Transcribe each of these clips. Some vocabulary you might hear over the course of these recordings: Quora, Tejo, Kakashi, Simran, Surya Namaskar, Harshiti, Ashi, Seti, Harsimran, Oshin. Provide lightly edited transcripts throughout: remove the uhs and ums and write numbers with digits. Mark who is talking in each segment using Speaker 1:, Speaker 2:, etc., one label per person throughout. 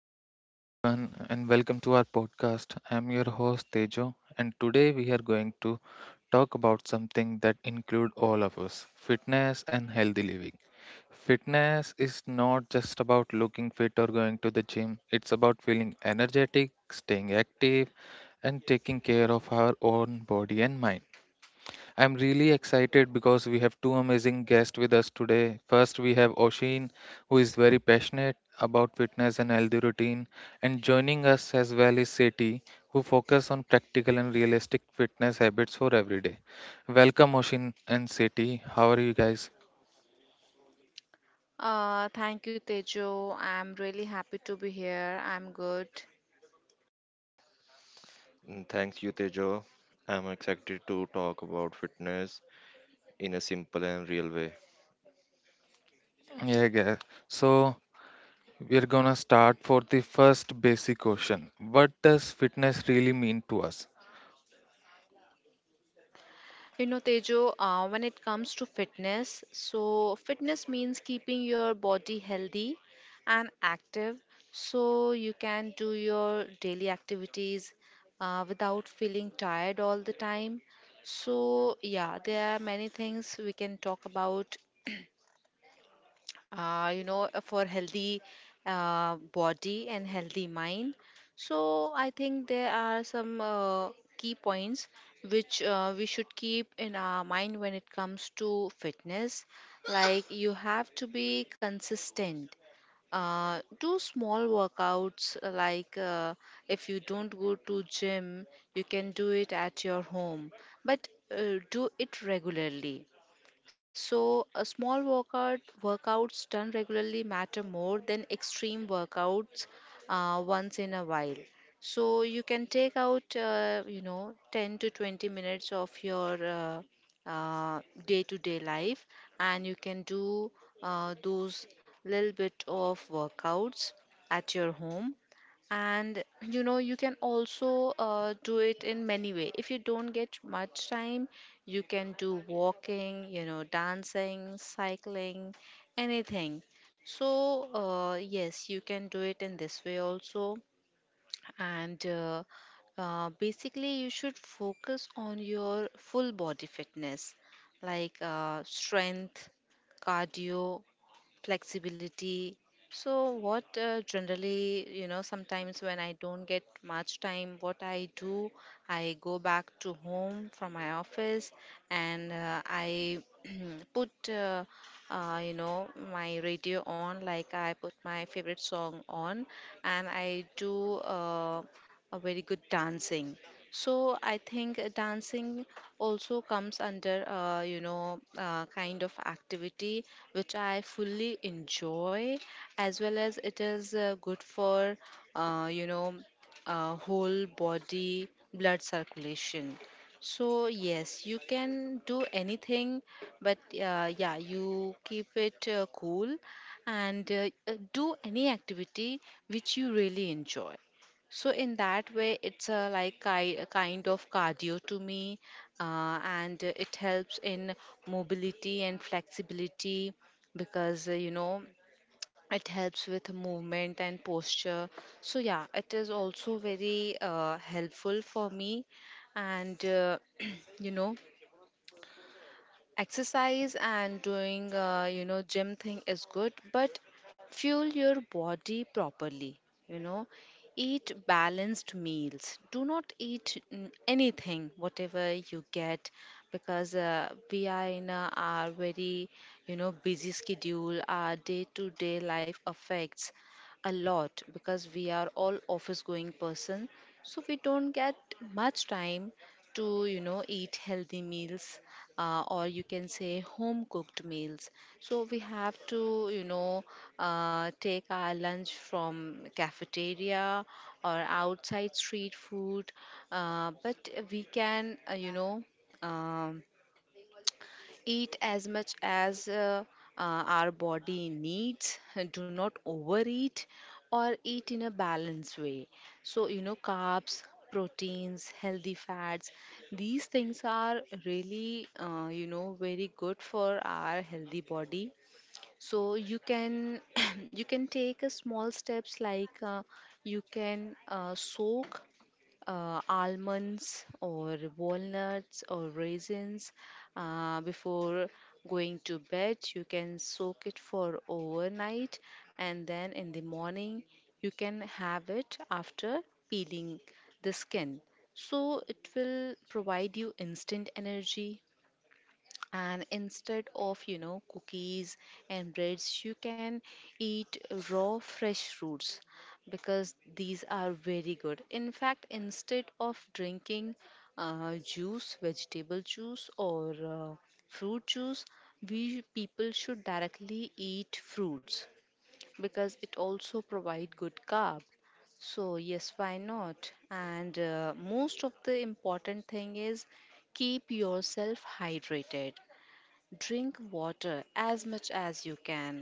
Speaker 1: Hello, everyone, and welcome to our podcast. I'm your host Tejo, and today we are going to talk about something that includes all of us, fitness and healthy living. Fitness is not just about looking fit or going to the gym, it's about feeling energetic, staying active, and taking care of our own body and mind. I'm really excited because we have two amazing guests with us today. First, we have Oshin, who is very passionate about fitness and healthy routine, and joining us as well is Seti, who focus on practical and realistic fitness habits for everyday. Welcome, Oshin and Seti. How are you guys?
Speaker 2: Thank you, Tejo. I'm really happy to be here. I'm good.
Speaker 3: Thanks, you, Tejo. I'm excited to talk about fitness in a simple and real way.
Speaker 1: Yeah, guys. So we're gonna start for the first basic question. What does fitness really mean to us?
Speaker 2: You know, Tejo, when it comes to fitness, so fitness means keeping your body healthy and active so you can do your daily activities without feeling tired all the time. So, yeah, there are many things we can talk about for healthy body and healthy mind. So I think there are some key points which we should keep in our mind when it comes to fitness. Like you have to be consistent. Do small workouts if you don't go to gym, you can do it at your home, but do it regularly. So, a small workouts done regularly matter more than extreme workouts once in a while. So, you can take out, 10 to 20 minutes of your day to day life, and you can do those little bit of workouts at your home. And you know, you can also do it in many way. If you don't get much time, you can do walking, you know, dancing, cycling, anything. So yes, you can do it in this way also. And Basically, you should focus on your full body fitness, like strength, cardio, flexibility. So what generally, you know, sometimes when I don't get much time, what I do, I go back to home from my office, and I put you know, my radio on, like I put my favorite song on, and I do a very good dancing. So I think dancing also comes under, kind of activity which I fully enjoy, as well as it is good for, uh, you know, whole body blood circulation. So yes, you can do anything, but yeah, you keep it cool, and do any activity which you really enjoy. So in that way, it's a a kind of cardio to me, and it helps in mobility and flexibility, because you know, it helps with movement and posture. So yeah, it is also very helpful for me, and you know, exercise and doing you know, gym thing is good, but fuel your body properly, you know, eat balanced meals. Do not eat anything whatever you get, because we are in a very, you know, busy schedule. Our day to day life affects a lot because we are all office going person, so we don't get much time to, you know, eat healthy meals, or you can say home cooked meals. So we have to, you know, take our lunch from cafeteria or outside street food. But we can, um, eat as much as uh, our body needs. Do not overeat, or eat in a balanced way. So you know, carbs, proteins, healthy fats, these things are really, you know, very good for our healthy body. So you can you can take a small steps, like you can soak almonds or walnuts or raisins before going to bed. You can soak it for overnight, and then in the morning you can have it after peeling the skin. So it will provide you instant energy, and instead of, you know, cookies and breads, you can eat raw fresh fruits, because these are very good. In fact, instead of drinking juice, vegetable juice, or fruit juice, we people should directly eat fruits, because it also provide good carb. So yes, why not. And most of the important thing is keep yourself hydrated, drink water as much as you can.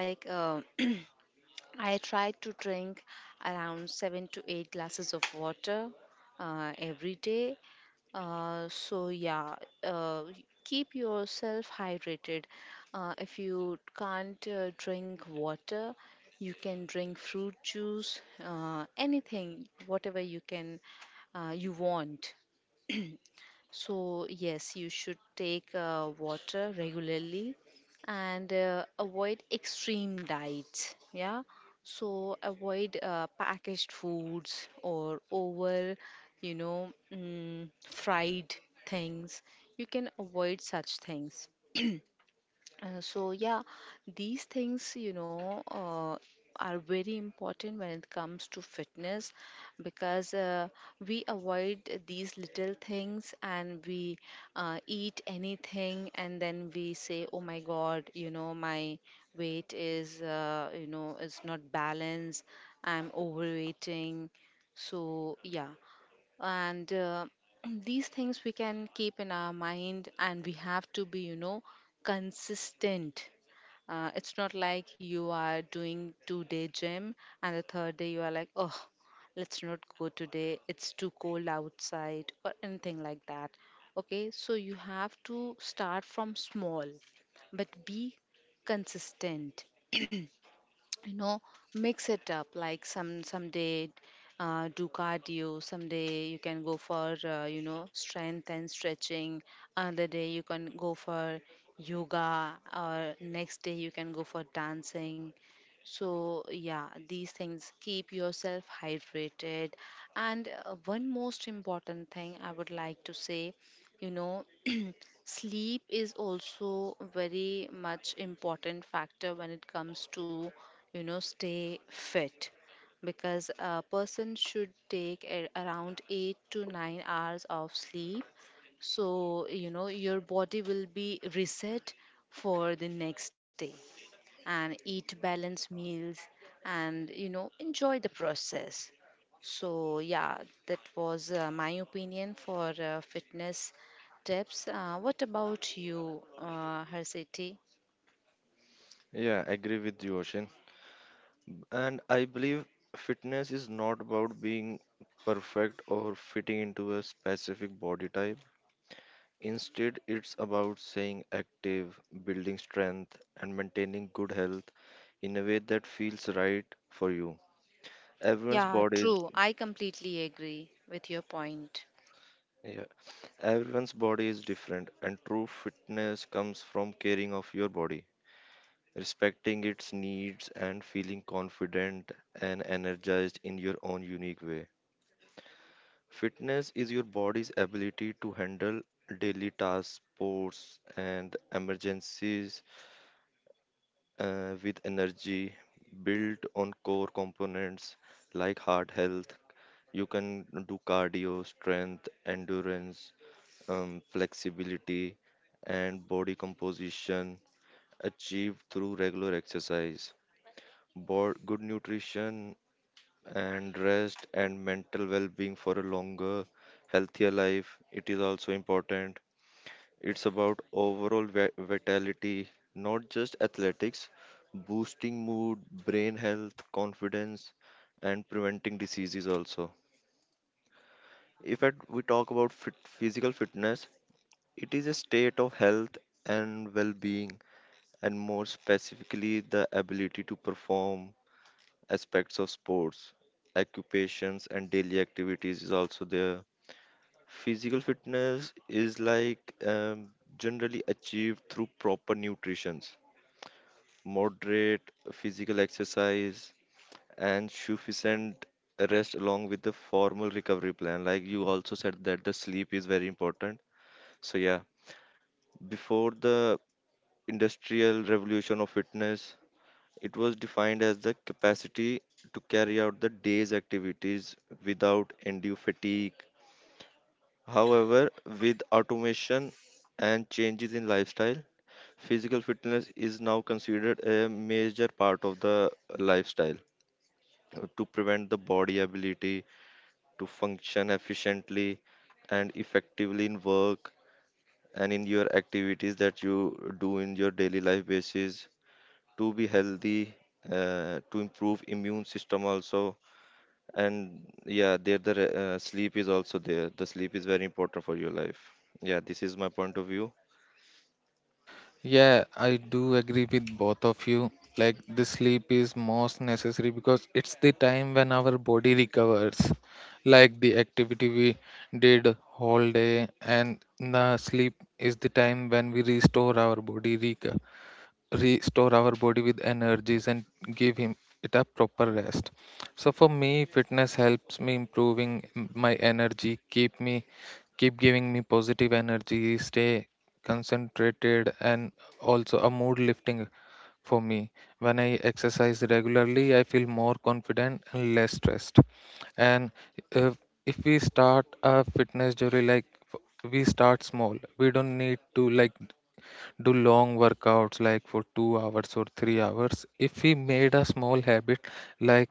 Speaker 2: Like I try to drink around 7 to 8 glasses of water every day. So yeah, uh, keep yourself hydrated. If you can't drink water, you can drink fruit juice, anything whatever you can you want. So, yes, you should take water regularly, and avoid extreme diets. Yeah, so avoid packaged foods or over, you know, fried things. You can avoid such things. So yeah, these things, you know, are very important when it comes to fitness, because we avoid these little things, and we eat anything, and then we say, oh my God, you know, my weight is, is not balanced. I'm overweighting. So yeah, and these things we can keep in our mind, and we have to be, you know, consistent. It's not like you are doing 2 day gym, and the third day you are like, oh, let's not go today, it's too cold outside, or anything like that. Okay, so you have to start from small, but be consistent. You know, mix it up. Like someday do cardio, someday you can go for you know, strength and stretching, another day you can go for yoga, or next day you can go for dancing. So yeah, these things, keep yourself hydrated. And one most important thing I would like to say, you know, sleep is also very much important factor when it comes to, you know, stay fit, because a person should take a, around 8 to 9 hours of sleep, so you know your body will be reset for the next day, and eat balanced meals, and you know, enjoy the process. So yeah, that was my opinion for fitness tips. What about you, Harshiti?
Speaker 3: Yeah, I agree with you, Ocean. And I believe fitness is not about being perfect or fitting into a specific body type. Instead, it's about staying active, building strength, and maintaining good health in a way that feels right for you. Everyone's
Speaker 2: Yeah,
Speaker 3: body is
Speaker 2: true. I completely agree with your point.
Speaker 3: yeah, Everyone's body is different, and true fitness comes from caring of your body, respecting its needs and feeling confident and energized in your own unique way. Fitness is your body's ability to handle daily tasks, sports, and emergencies with energy built on core components like heart health. You can do cardio, strength, endurance, flexibility, and body composition achieved through regular exercise. Good nutrition and rest and mental well-being for a longer, healthier life It is also important. It's about overall vitality, not just athletics, boosting mood, brain health, confidence, and preventing diseases also. If at, We talk about fit, physical fitness. It is a state of health and well-being, and more specifically, the ability to perform aspects of sports, occupations, and daily activities is also there. Physical fitness is generally achieved through proper nutrition, moderate physical exercise, and sufficient rest along with the formal recovery plan. Like you also said, that the sleep is very important. So yeah, before the industrial revolution of fitness, it was defined as the capacity to carry out the day's activities without undue fatigue. However, with automation and changes in lifestyle, physical fitness is now considered a major part of the lifestyle to prevent the body ability to function efficiently and effectively in work and in your activities that you do in your daily life basis, to be healthy, to improve immune system also. And yeah, there the sleep is also there. The sleep is very important for your life. Yeah, this is my point of view.
Speaker 1: Yeah, I do agree with both of you. Like the sleep is most necessary because it's the time when our body recovers. Like the activity we did whole day, and the sleep is the time when we restore our body, restore our body with energies and give him it a proper rest. So for me, fitness helps me improving my energy, keep me keep giving me positive energy, stay concentrated, and also a mood lifting for me. When I exercise regularly, I feel more confident and less stressed. And uh, if we start a fitness journey, like we start small, we don't need to like do long workouts like for 2 hours or 3 hours. If we made a small habit, like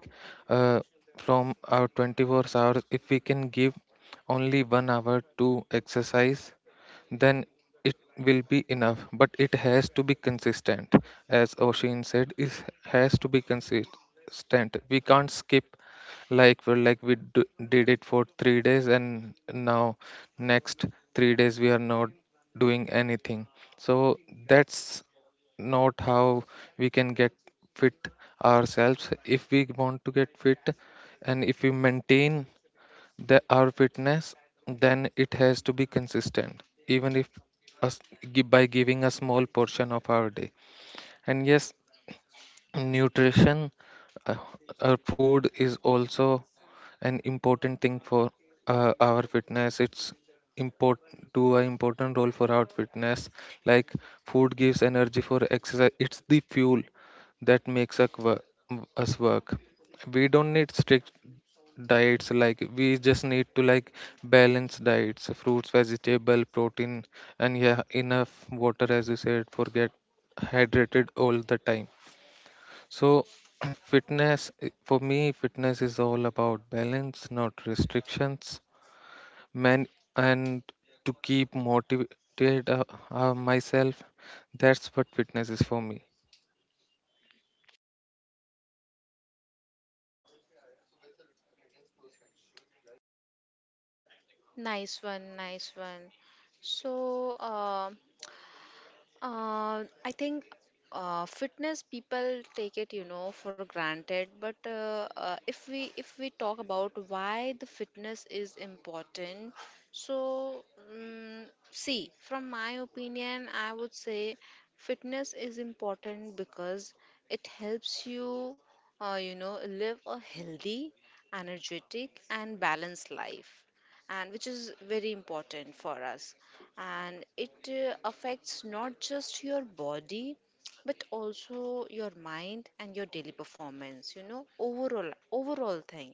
Speaker 1: uh, from our 24 hours, if we can give only 1 hour to exercise, then it will be enough, but it has to be consistent. As Oshin said, it has to be consistent. We can't skip, like did it for 3 days and now next 3 days we are not doing anything. So that's not how we can get fit ourselves. If we want to get fit and if we maintain they are fitness, then it has to be consistent, even if us, by giving a small portion of our day. And yes, nutrition, uh, food is also an important thing for our fitness. It's important to an important role for our fitness. Like, food gives energy for exercise. It's the fuel that makes us work. We don't need strict diets, like we just need to like balance diets, fruits, vegetable, protein, and yeah, enough water, as you said, for get hydrated all the time. So fitness, for me fitness is all about balance, not restrictions, man. And to keep motivated myself, that's what fitness is for me.
Speaker 2: Nice one, nice one. So, I think fitness people take it, you know, for granted. But if we talk about why the fitness is important, so um, see, from my opinion, I would say fitness is important because it helps you, you know, live a healthy, energetic, and balanced life, and which is very important for us. And it affects not just your body, but also your mind and your daily performance, you know, overall thing.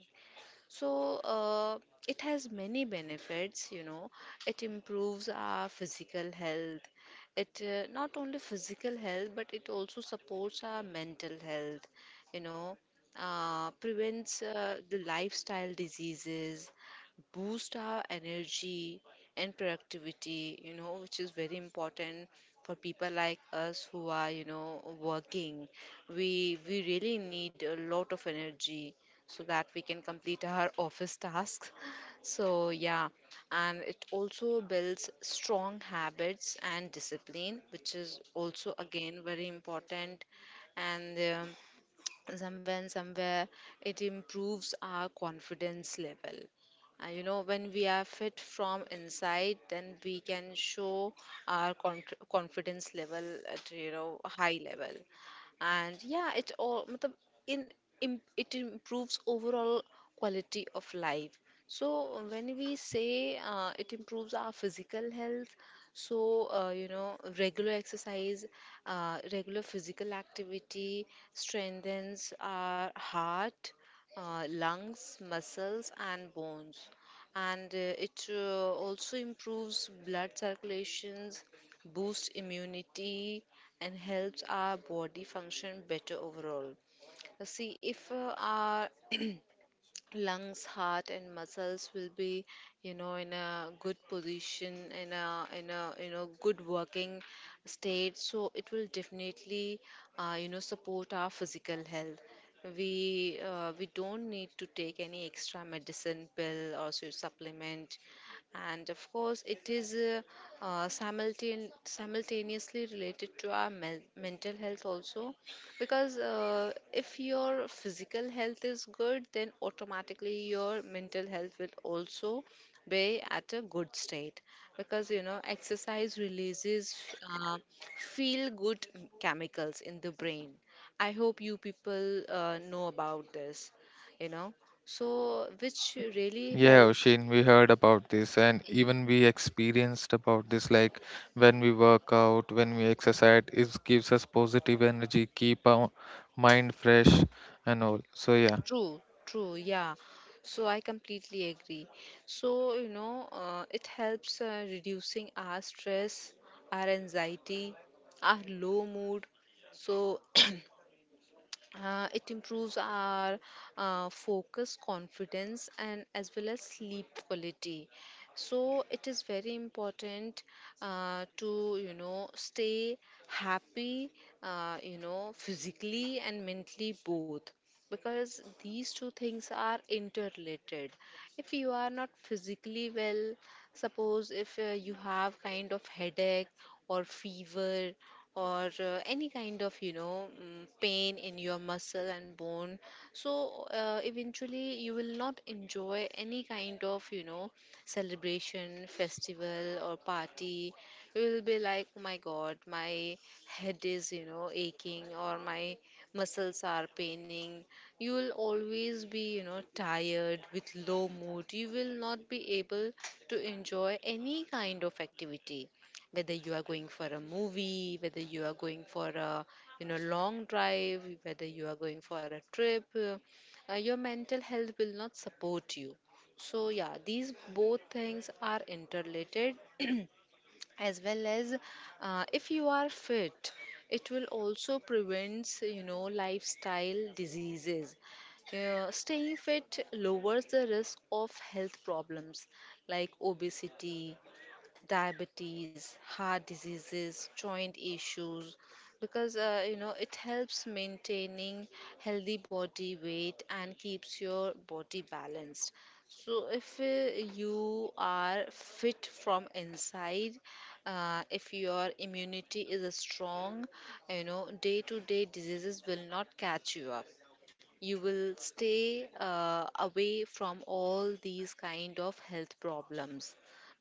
Speaker 2: So it has many benefits, you know. It improves our physical health. It not only physical health, but it also supports our mental health, you know, prevents the lifestyle diseases, boost our energy and productivity, you know, which is very important for people like us who are, you know, working. We really need a lot of energy so that we can complete our office tasks. So, yeah, and it also builds strong habits and discipline, which is also again very important. And somewhere and somewhere it improves our confidence level. You know, when we are fit from inside, then we can show our confidence level at, you know, a high level. And yeah, it all matlab, in, im it improves overall quality of life. So when we say it improves our physical health, so you know, regular exercise, regular physical activity strengthens our heart, lungs, muscles, and bones, and it also improves blood circulations, boosts immunity, and helps our body function better overall. See, if our lungs, heart, and muscles will be, you know, in a good position, in a you know, good working state, so it will definitely you know, support our physical health. We don't need to take any extra medicine pill or supplement. And of course, it is simultaneously related to our mental health also, because if your physical health is good, then automatically your mental health will also be at a good state, because you know, exercise releases uh, feel good chemicals in the brain. I hope you people know about this, you know, so which really
Speaker 1: Yeah,
Speaker 2: helps.
Speaker 1: Oshin, we heard about this and even we experienced about this. Like, when we work out, when we exercise, it gives us positive energy, keep our mind fresh and all. So yeah.
Speaker 2: True, true, yeah. So I completely agree. So, you know, it helps reducing our stress, our anxiety, our low mood. So, it improves our focus, confidence, and as well as sleep quality. So it is very important to, you know, stay happy, you know, physically and mentally both, because these two things are interrelated. If you are not physically well, suppose if you have kind of headache or fever or any kind of pain in your muscle and bone. So eventually you will not enjoy any kind of celebration, festival, or party. You will be like, oh my God, my head is aching, or my muscles are paining. You will always be tired with low mood. You will not be able to enjoy any kind of activity, whether you are going for a movie, whether you are going for a long drive, whether you are going for a trip. Your mental health will not support you. So yeah, these both things are interrelated. As well as, if you are fit, it will also prevents lifestyle diseases. Staying fit lowers the risk of health problems like obesity, diabetes, heart diseases, joint issues, because it helps maintaining healthy body weight and keeps your body balanced. So if you are fit from inside, if your immunity is strong, day to day diseases will not catch you up. You will stay away from all these kind of health problems,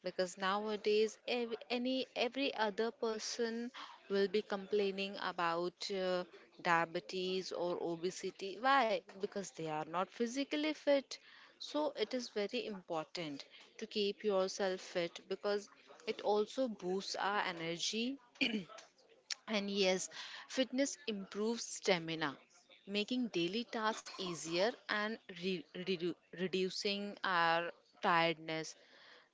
Speaker 2: because nowadays ev- any every other person will be complaining about diabetes or obesity. Why? Because they are not physically fit. So it is very important to keep yourself fit, because it also boosts our energy. And yes, fitness improves stamina, making daily tasks easier and reducing our tiredness.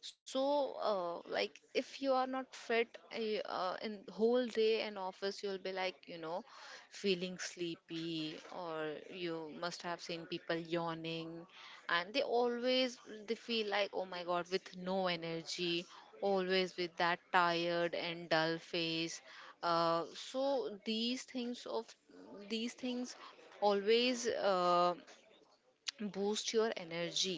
Speaker 2: So, like, if you are not fit, in whole day in office, you'll be like, feeling sleepy, or you must have seen people yawning, and they feel like, oh my God, with no energy, always with that tired and dull face. So these things always boost your energy.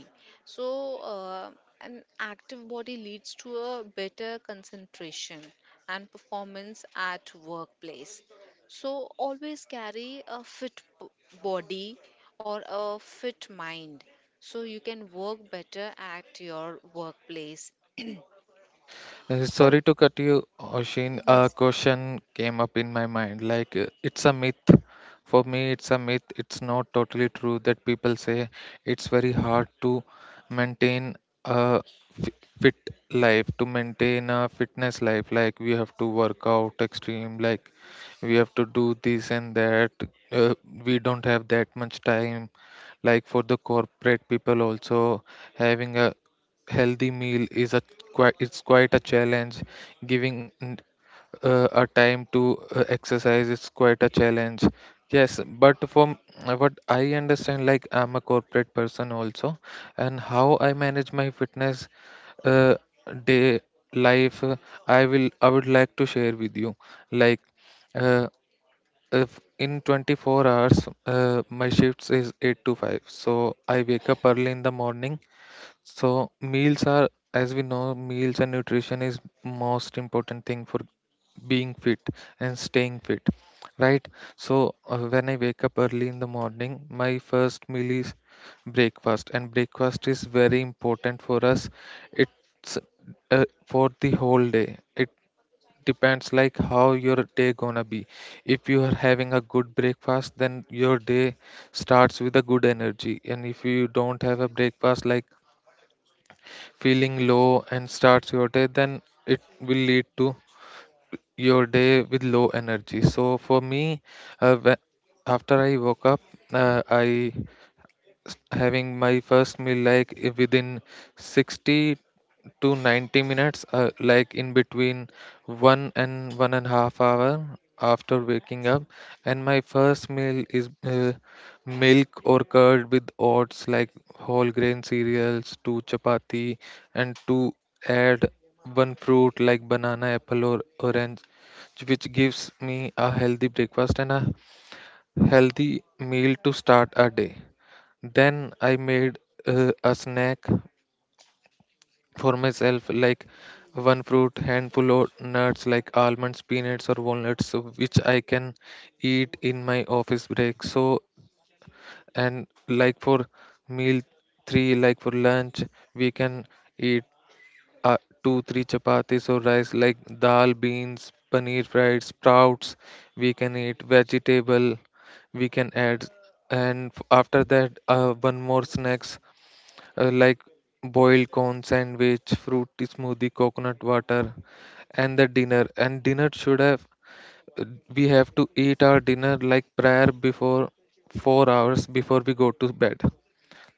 Speaker 2: So an active body leads to a better concentration and performance at workplace. So always carry a fit body or a fit mind, so you can work better at your workplace. For,
Speaker 1: Sorry to cut you, Oshin. A
Speaker 2: yes, yes.
Speaker 1: question came up in my mind. Like, it's a myth. For me, it's a myth. It's not totally true that people say it's very hard to maintain a fi- fit life, to maintain a fitness life. Like, we have to work out extreme, like, we have to do this and that. Uh, we don't have that much time. Like, for the corporate people, also having a healthy meal is a quite, it's quite a challenge. Giving a time to exercise is quite a challenge. Yes, but from what I understand, like I'm a corporate person also, and how I manage my fitness uh, day life, I would like to share with you. Like uh, if in 24 hours, my shifts is 8 to 5, so I wake up early in the morning. So meals are, as we know, meals and nutrition is most important thing for being fit and staying fit, right? So when I wake up early in the morning, my first meal is breakfast, and breakfast is very important for us. It's for the whole day. It depends like how your day gonna be. If you are having a good breakfast, then your day starts with a good energy, and if you don't have a breakfast, like feeling low and starts your day, then it will lead to your day with low energy. So for me, uh, whe- after I woke up, I having my first meal like within 60 to 90 minutes, like in between one and one and a half hour after waking up. And my first meal is milk or curd with oats, like whole grain cereals, two chapati, and to add one fruit like banana, apple, or orange, which gives me a healthy breakfast and a healthy meal to start a day. Then I made a snack for myself, like one fruit, handful of nuts like almonds, peanuts, or walnuts, so which I can eat in my office break. So, and like for meal three, like for lunch, we can eat uh, two, three chapatis or rice, like dal, beans, paneer fried, sprouts. We can eat vegetable. We can add, and after that, one more snacks like boiled corn sandwich, fruit smoothie, coconut water, and the dinner. And dinner should have we have to eat our dinner like prior before 4 hours before we go to bed.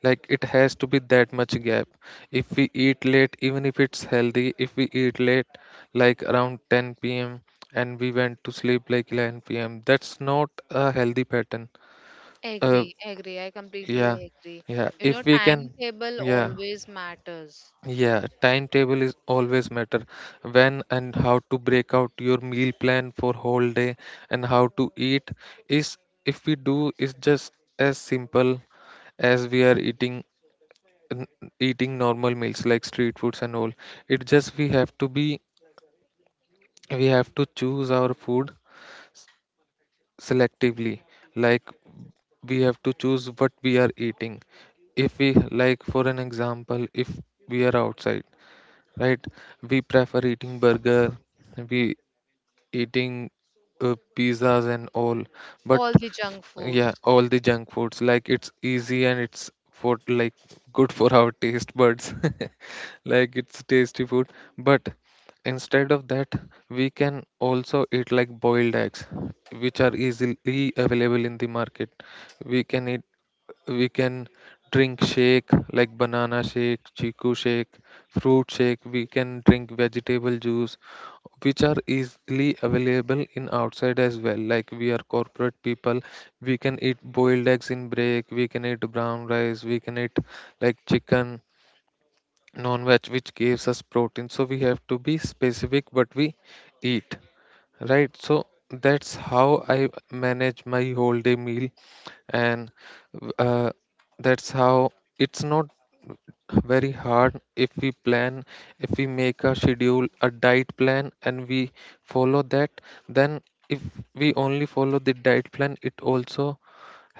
Speaker 1: Like it has to be that much gap. If we eat late, even if it's healthy, if we eat late, like around 10 p.m. and we went to sleep like 11 p.m., that's not a healthy pattern. Uh,
Speaker 2: Agree, agree, I completely
Speaker 1: yeah,
Speaker 2: agree.
Speaker 1: yeah. If we can,
Speaker 2: Timetable
Speaker 1: yeah.
Speaker 2: always matters.
Speaker 1: Yeah, timetable is always matter. When and how to break out your meal plan for whole day and how to eat is, if we do is just as simple as we are eating, n- eating normal meals like street foods and all. It just, we have to be we have to choose our food selectively. Like, we have to choose what we are eating. If we, like for an example, if we are outside, right? We prefer eating burger, we eating pizzas and all, but
Speaker 2: All the junk
Speaker 1: yeah,
Speaker 2: foods.
Speaker 1: all the junk foods, like it's easy and it's for like good for our taste buds, like it's tasty food. But instead of that, we can also eat like boiled eggs, which are easily available in the market. We can eat, we can drink shake like banana shake, chiku shake, fruit shake. We can drink vegetable juice, which are easily available in outside as well. Like, we are corporate people, we can eat boiled eggs in break, we can eat brown rice, we can eat like chicken, non-veg, which gives us protein. So we have to be specific what we eat, right? So that's how I manage my whole day meal. And uh, that's how, it's not very hard if we plan, if we make a schedule, a diet plan, and we follow that. Then if we only follow the diet plan, it also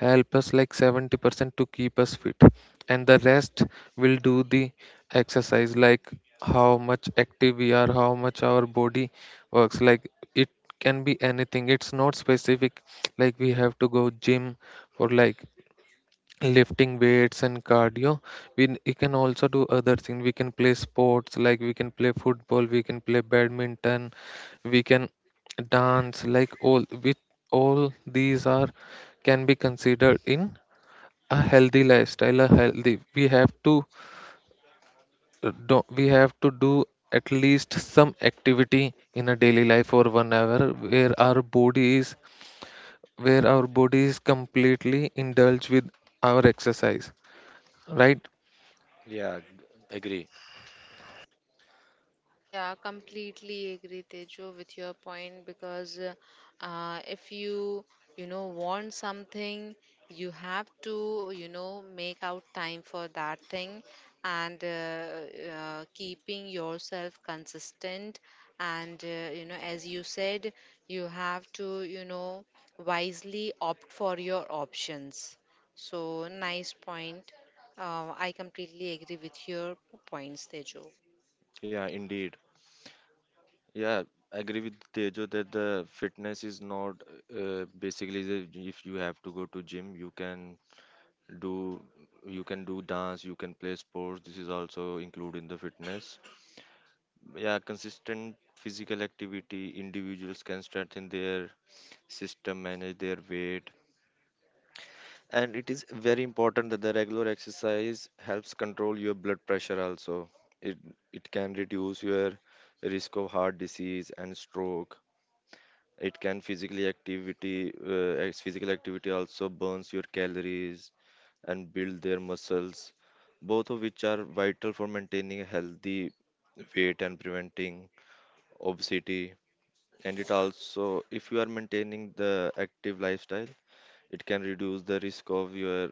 Speaker 1: help us like 70% to keep us fit, and the rest will do the exercise. Like how much active we are, how much our body works, like it can be anything. It's not specific, like we have to go gym for like lifting weights and cardio. We can also do other things. We can play sports, like we can play football, we can play badminton, we can dance. Like all with all these are can be considered in a healthy lifestyle, a healthy, we have to do, we have to do at least some activity in a daily life for 1 hour where our body is, where our body is completely indulged with our exercise, right?
Speaker 3: Yeah, g- Agree.
Speaker 2: Yeah, completely agree, Tejo, with your point, because if you, want something, you have to, make out time for that thing, and keeping yourself consistent. And, as you said, you have to, wisely opt for your options. So, nice point. I completely agree with your points, Tejo.
Speaker 3: Yeah, indeed. Yeah, I agree with Tejo that the fitness is not basically the, if you have to go to gym, do you can do dance, you can play sports. This is also included in the fitness. Yeah, consistent physical activity, individuals can strengthen their system, manage their weight, and it is very important that the regular exercise helps control your blood pressure also. It it can reduce your risk of heart disease and stroke. It can physical activity also burns your calories and build their muscles, both of which are vital for maintaining a healthy weight and preventing obesity. And it also, if you are maintaining the active lifestyle, it can reduce the risk of your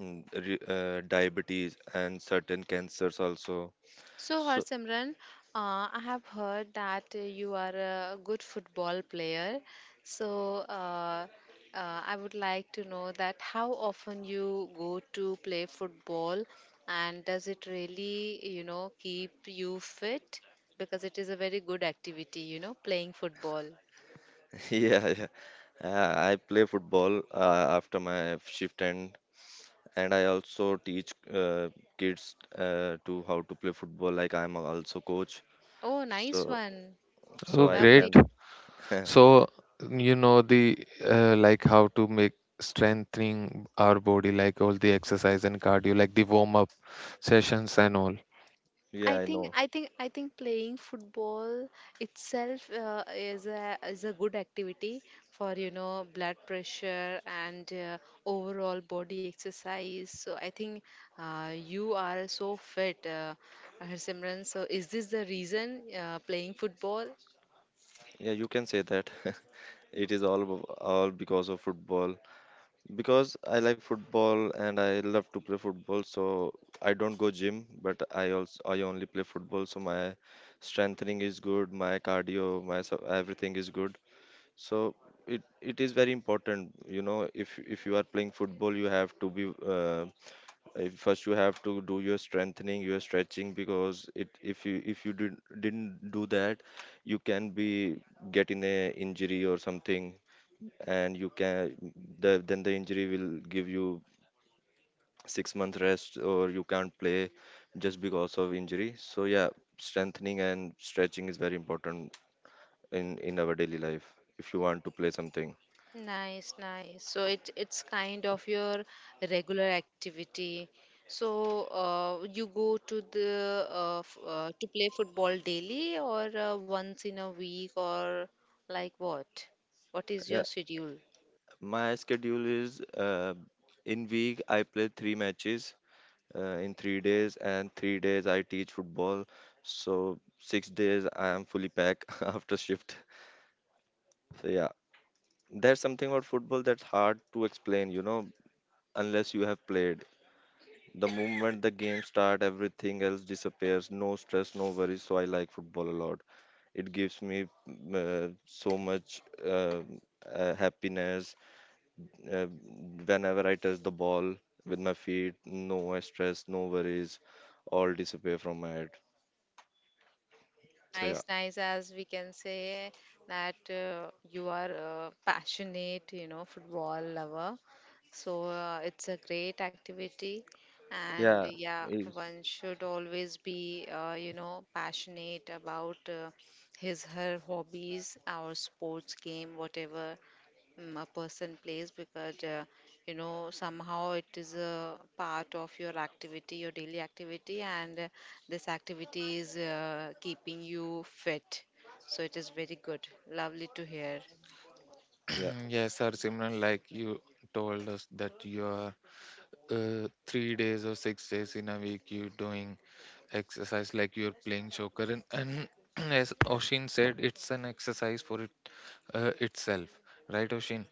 Speaker 3: diabetes and certain cancers also.
Speaker 2: So,
Speaker 3: So
Speaker 2: Harsimran, I have heard that you are a good football player. So, I would like to know that how often you go to play football, and does it really, keep you fit? Because it is a very good activity, playing football.
Speaker 3: yeah, yeah. I play football after my shift end, and I also teach kids to how to play football. Like, I'm also coach,
Speaker 2: Oh, nice
Speaker 3: so
Speaker 2: one.
Speaker 1: Oh,
Speaker 3: so I
Speaker 1: great.
Speaker 2: Lovely.
Speaker 3: can.
Speaker 1: So, you know, the like how to make strengthening our body, like all the exercise and cardio, like the warm up sessions and all.
Speaker 3: Yeah,
Speaker 2: I
Speaker 3: I
Speaker 2: think
Speaker 3: know.
Speaker 2: I think I think playing football itself is a good activity for blood pressure and overall body exercise. So I think you are so fit, Simran. So is this the reason playing football?
Speaker 3: Yeah, you can say that. It is all all because of football. Because I like football and I love to play football, so I don't go gym, but I only play football, so my strengthening is good, my cardio, my everything is good. So it is very important, you know, if you are playing football, you have to be first, you have to do your strengthening, your stretching, because it if you didn't do that, you can be getting a injury or something, and you can the then the injury will give you 6 month rest or you can't play just because of injury. So yeah, strengthening and stretching is very important in our daily life if you want to play something.
Speaker 2: Nice, nice. So it's kind of your regular activity. So you go to play football daily, or once in a week, or like what? What is your
Speaker 3: Yeah,
Speaker 2: schedule?
Speaker 3: my schedule is in week I play 3 matches in 3 days, and 3 days I teach football. So 6 days I am fully packed after shift. So yeah, there's something about football that's hard to explain. You know, unless you have played. The moment the game start, everything else disappears. No stress, no worries. So I like football a lot. It gives me so much happiness uh, whenever I touch the ball with my feet. No stress, no worries. All disappear from my head. So yeah,
Speaker 2: Nice, nice, as we can say that you are a passionate, football lover. So it's a great activity. And
Speaker 3: yeah,
Speaker 2: yeah,
Speaker 3: it's,
Speaker 2: one should always be, passionate about his, her hobbies, our sports game, whatever a person plays, because somehow it is a part of your daily activity, and this activity is keeping you fit. So it is very good, lovely to hear.
Speaker 3: yeah,
Speaker 1: Yes, sir, Simran, like you told us that you are 3 days or 6 days in a week you doing exercise, like you're playing soccer. And as Oshin said, it's an exercise for it itself, right, Oshin?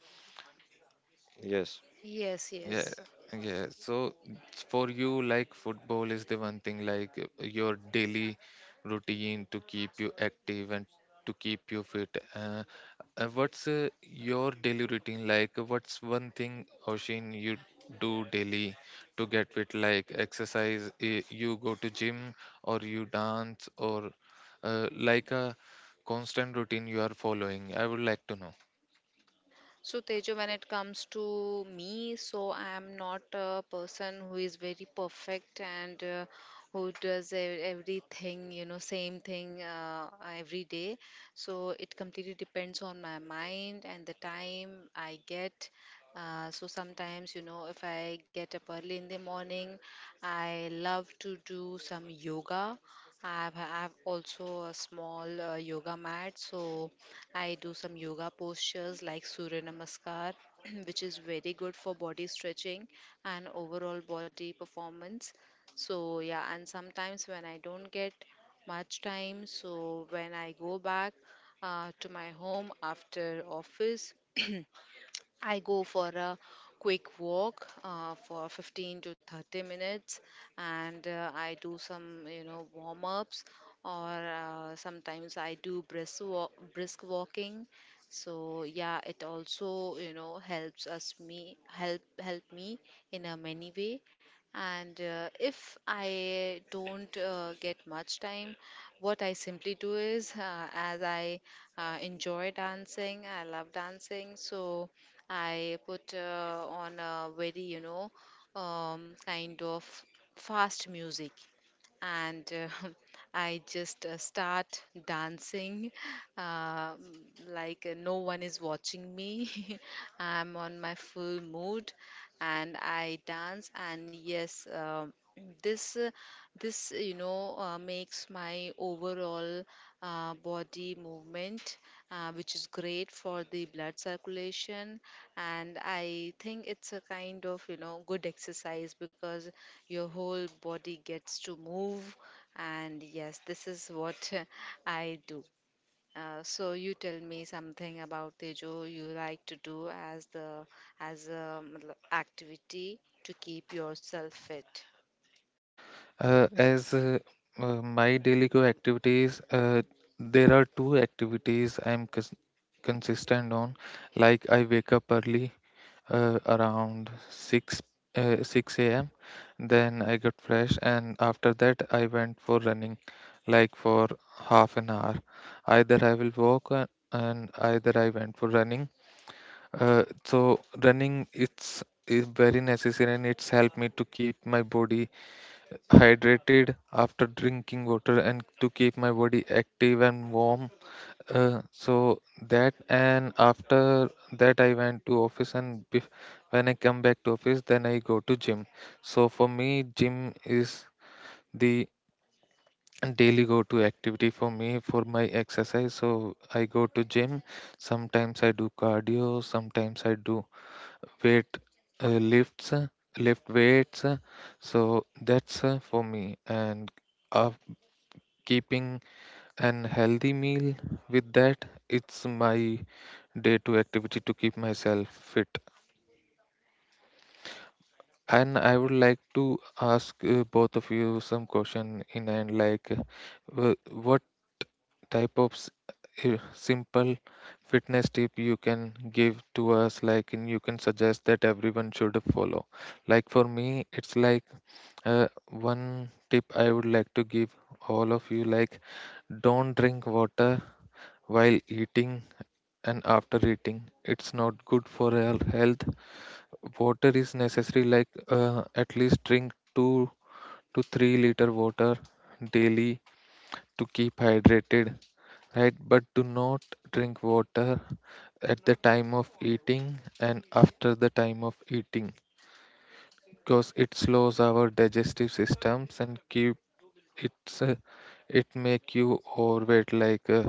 Speaker 3: yes,
Speaker 2: Yes,
Speaker 1: Yeah,
Speaker 2: yes.
Speaker 1: yeah. So for you, like football is the one thing, like your daily routine to keep you active and to keep you fit. Uh, what's your daily routine like? What's one thing, Oshin, you do daily to get fit? Like, exercise, eh, you go to gym or you dance or like a constant routine you are following. I would like to know.
Speaker 2: So, Tejo, when it comes to me, so I am not a person who is very perfect and who does everything, same thing every day. So, it completely depends on my mind and the time I get. So sometimes, if I get up early in the morning, I love to do some yoga. I've also a small yoga mat, so I do some yoga postures like Surya Namaskar, which is very good for body stretching and overall body performance. So, yeah, and sometimes when I don't get much time, so when I go back to my home after office, I go for a quick walk for 15 to 30 minutes, and I do some, warm ups, or sometimes I do brisk walking. So yeah, it also, help me in a many way. And if I don't get much time, what I simply do is as I enjoy dancing, I love dancing, so I put on a very, kind of fast music, and I just start dancing uh, like no one is watching me. I'm on my full mood, and I dance, and yes, this. This, makes my overall body movement, which is great for the blood circulation. And I think it's a kind of, good exercise, because your whole body gets to move. And yes, this is what I do. So you tell me something about Tejo you like to do as the as a activity to keep yourself fit.
Speaker 1: As my daily go activities, there are two activities I'm consistent on. Like, I wake up early, around 6 a.m. Then I got fresh, and after that I went for running, like for half an hour. Either I will walk, and either I went for running. So running, it's is very necessary and it's helped me to keep my body hydrated after drinking water and to keep my body active and warm, so that. And after that I went to office. And when I come back to office, then I go to gym. So for me, gym is the daily go to activity for me for my exercise. So I go to gym. Sometimes I do cardio, sometimes I do weight lifts lift weights. So that's for me. And uh, keeping an healthy meal with that, it's my day to activity to keep myself fit. And I would like to ask both of you some question in. And like, what type of simple fitness tip you can give to us, like, and you can suggest that everyone should follow. Like for me, it's like uh, one tip I would like to give all of you. Like, don't drink water while eating and after eating. It's not good for our health. Water is necessary, like at least drink 2 to 3 liter water daily to keep hydrated, right? But do not drink water at the time of eating and after the time of eating, because it slows our digestive systems and keep, it's it make you overweight, like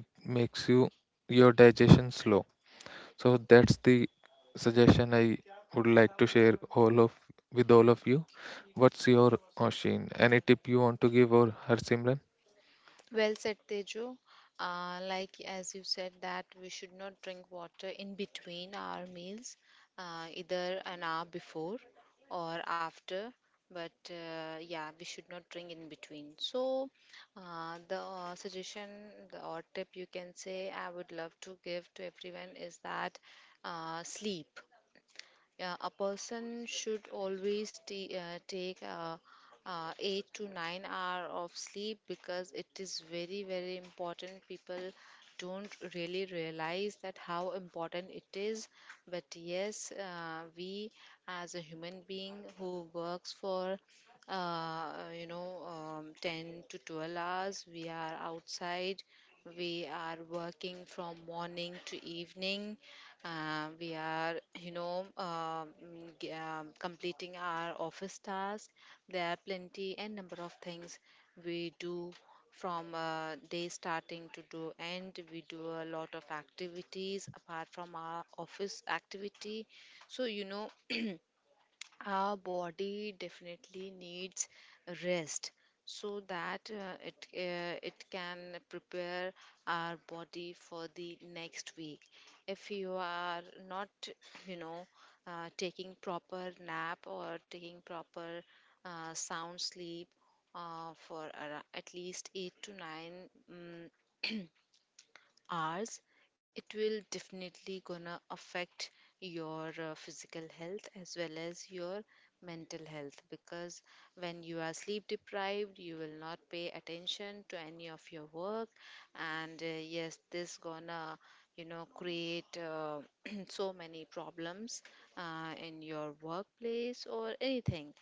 Speaker 1: it makes you your digestion slow. So that's the suggestion I would like to share all of with all of you. What's your Oshin? Any tip you want to give or her Simran?
Speaker 2: Well said, Tejo. Like, as you said that we should not drink water in between our meals, either an hour before or after. But yeah, we should not drink in between. So the suggestion, or tip you can say, I would love to give to everyone is that, sleep. Yeah, a person should always take 8 to 9 hour of sleep, because it is very very important. People don't really realize that how important it is. But yes, we as a human being who works for uh, 10 to 12 hours, we are outside, we are working from morning to evening, we are completing our office task. There are plenty and number of things we do from day starting to do end. We do a lot of activities apart from our office activity, so our body definitely needs rest, so that it can prepare our body for the next week. If you are not, you know, taking proper nap, or taking proper sound sleep for at least 8 to 9 hours, it will definitely gonna affect your physical health as well as your mental health, because when you are sleep deprived, you will not pay attention to any of your work. And yes, this gonna create so many problems in your workplace or anything.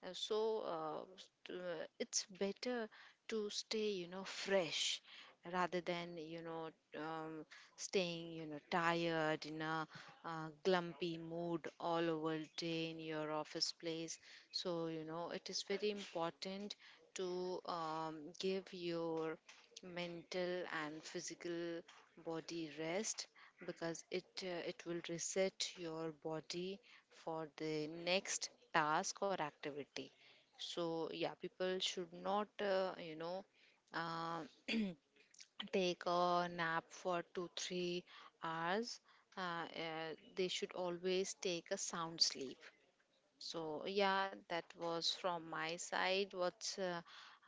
Speaker 2: So it's better to stay fresh, rather than um, staying tired in a glumpy mood all over day in your office place. So it is very important to give your mental and physical body rest, because it will reset your body for the next task or activity. So yeah, people should not uh, take a nap for 2 3 hours. They should always take a sound sleep. So yeah, that was from my side. What's uh,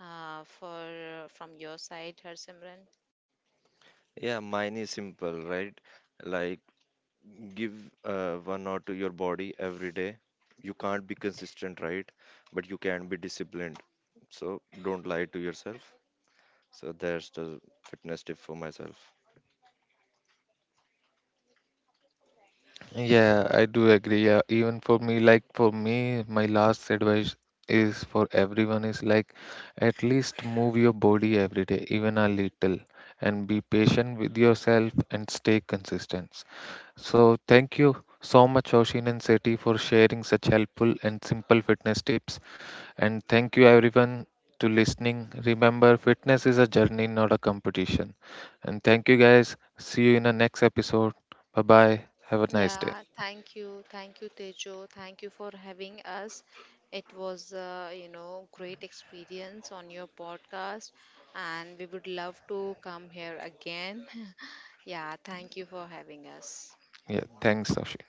Speaker 2: uh, for from your side, Harsimran?
Speaker 3: yeah. Mine is simple, right? Like, give 1 hour to your body every day. You can't be consistent, right? But you can be disciplined. So don't lie to yourself. So there's the fitness tip for myself.
Speaker 1: Yeah, I do agree. Yeah, even for me, like for me, my last advice is for everyone is like at least move your body every day, even a little, and be patient with yourself and stay consistent. So thank you so much, Oshin and Seti, for sharing such helpful and simple fitness tips. And thank you everyone to listening. Remember, fitness is a journey, not a competition. And thank you guys. See you in the next episode. Bye bye. Have a nice day.
Speaker 2: Yeah, thank you, thank you, Tejo, thank you for having us. It was great experience on your podcast, and we would love to come here again. Yeah, thank you for having us.
Speaker 1: Yeah, thanks, Ashi.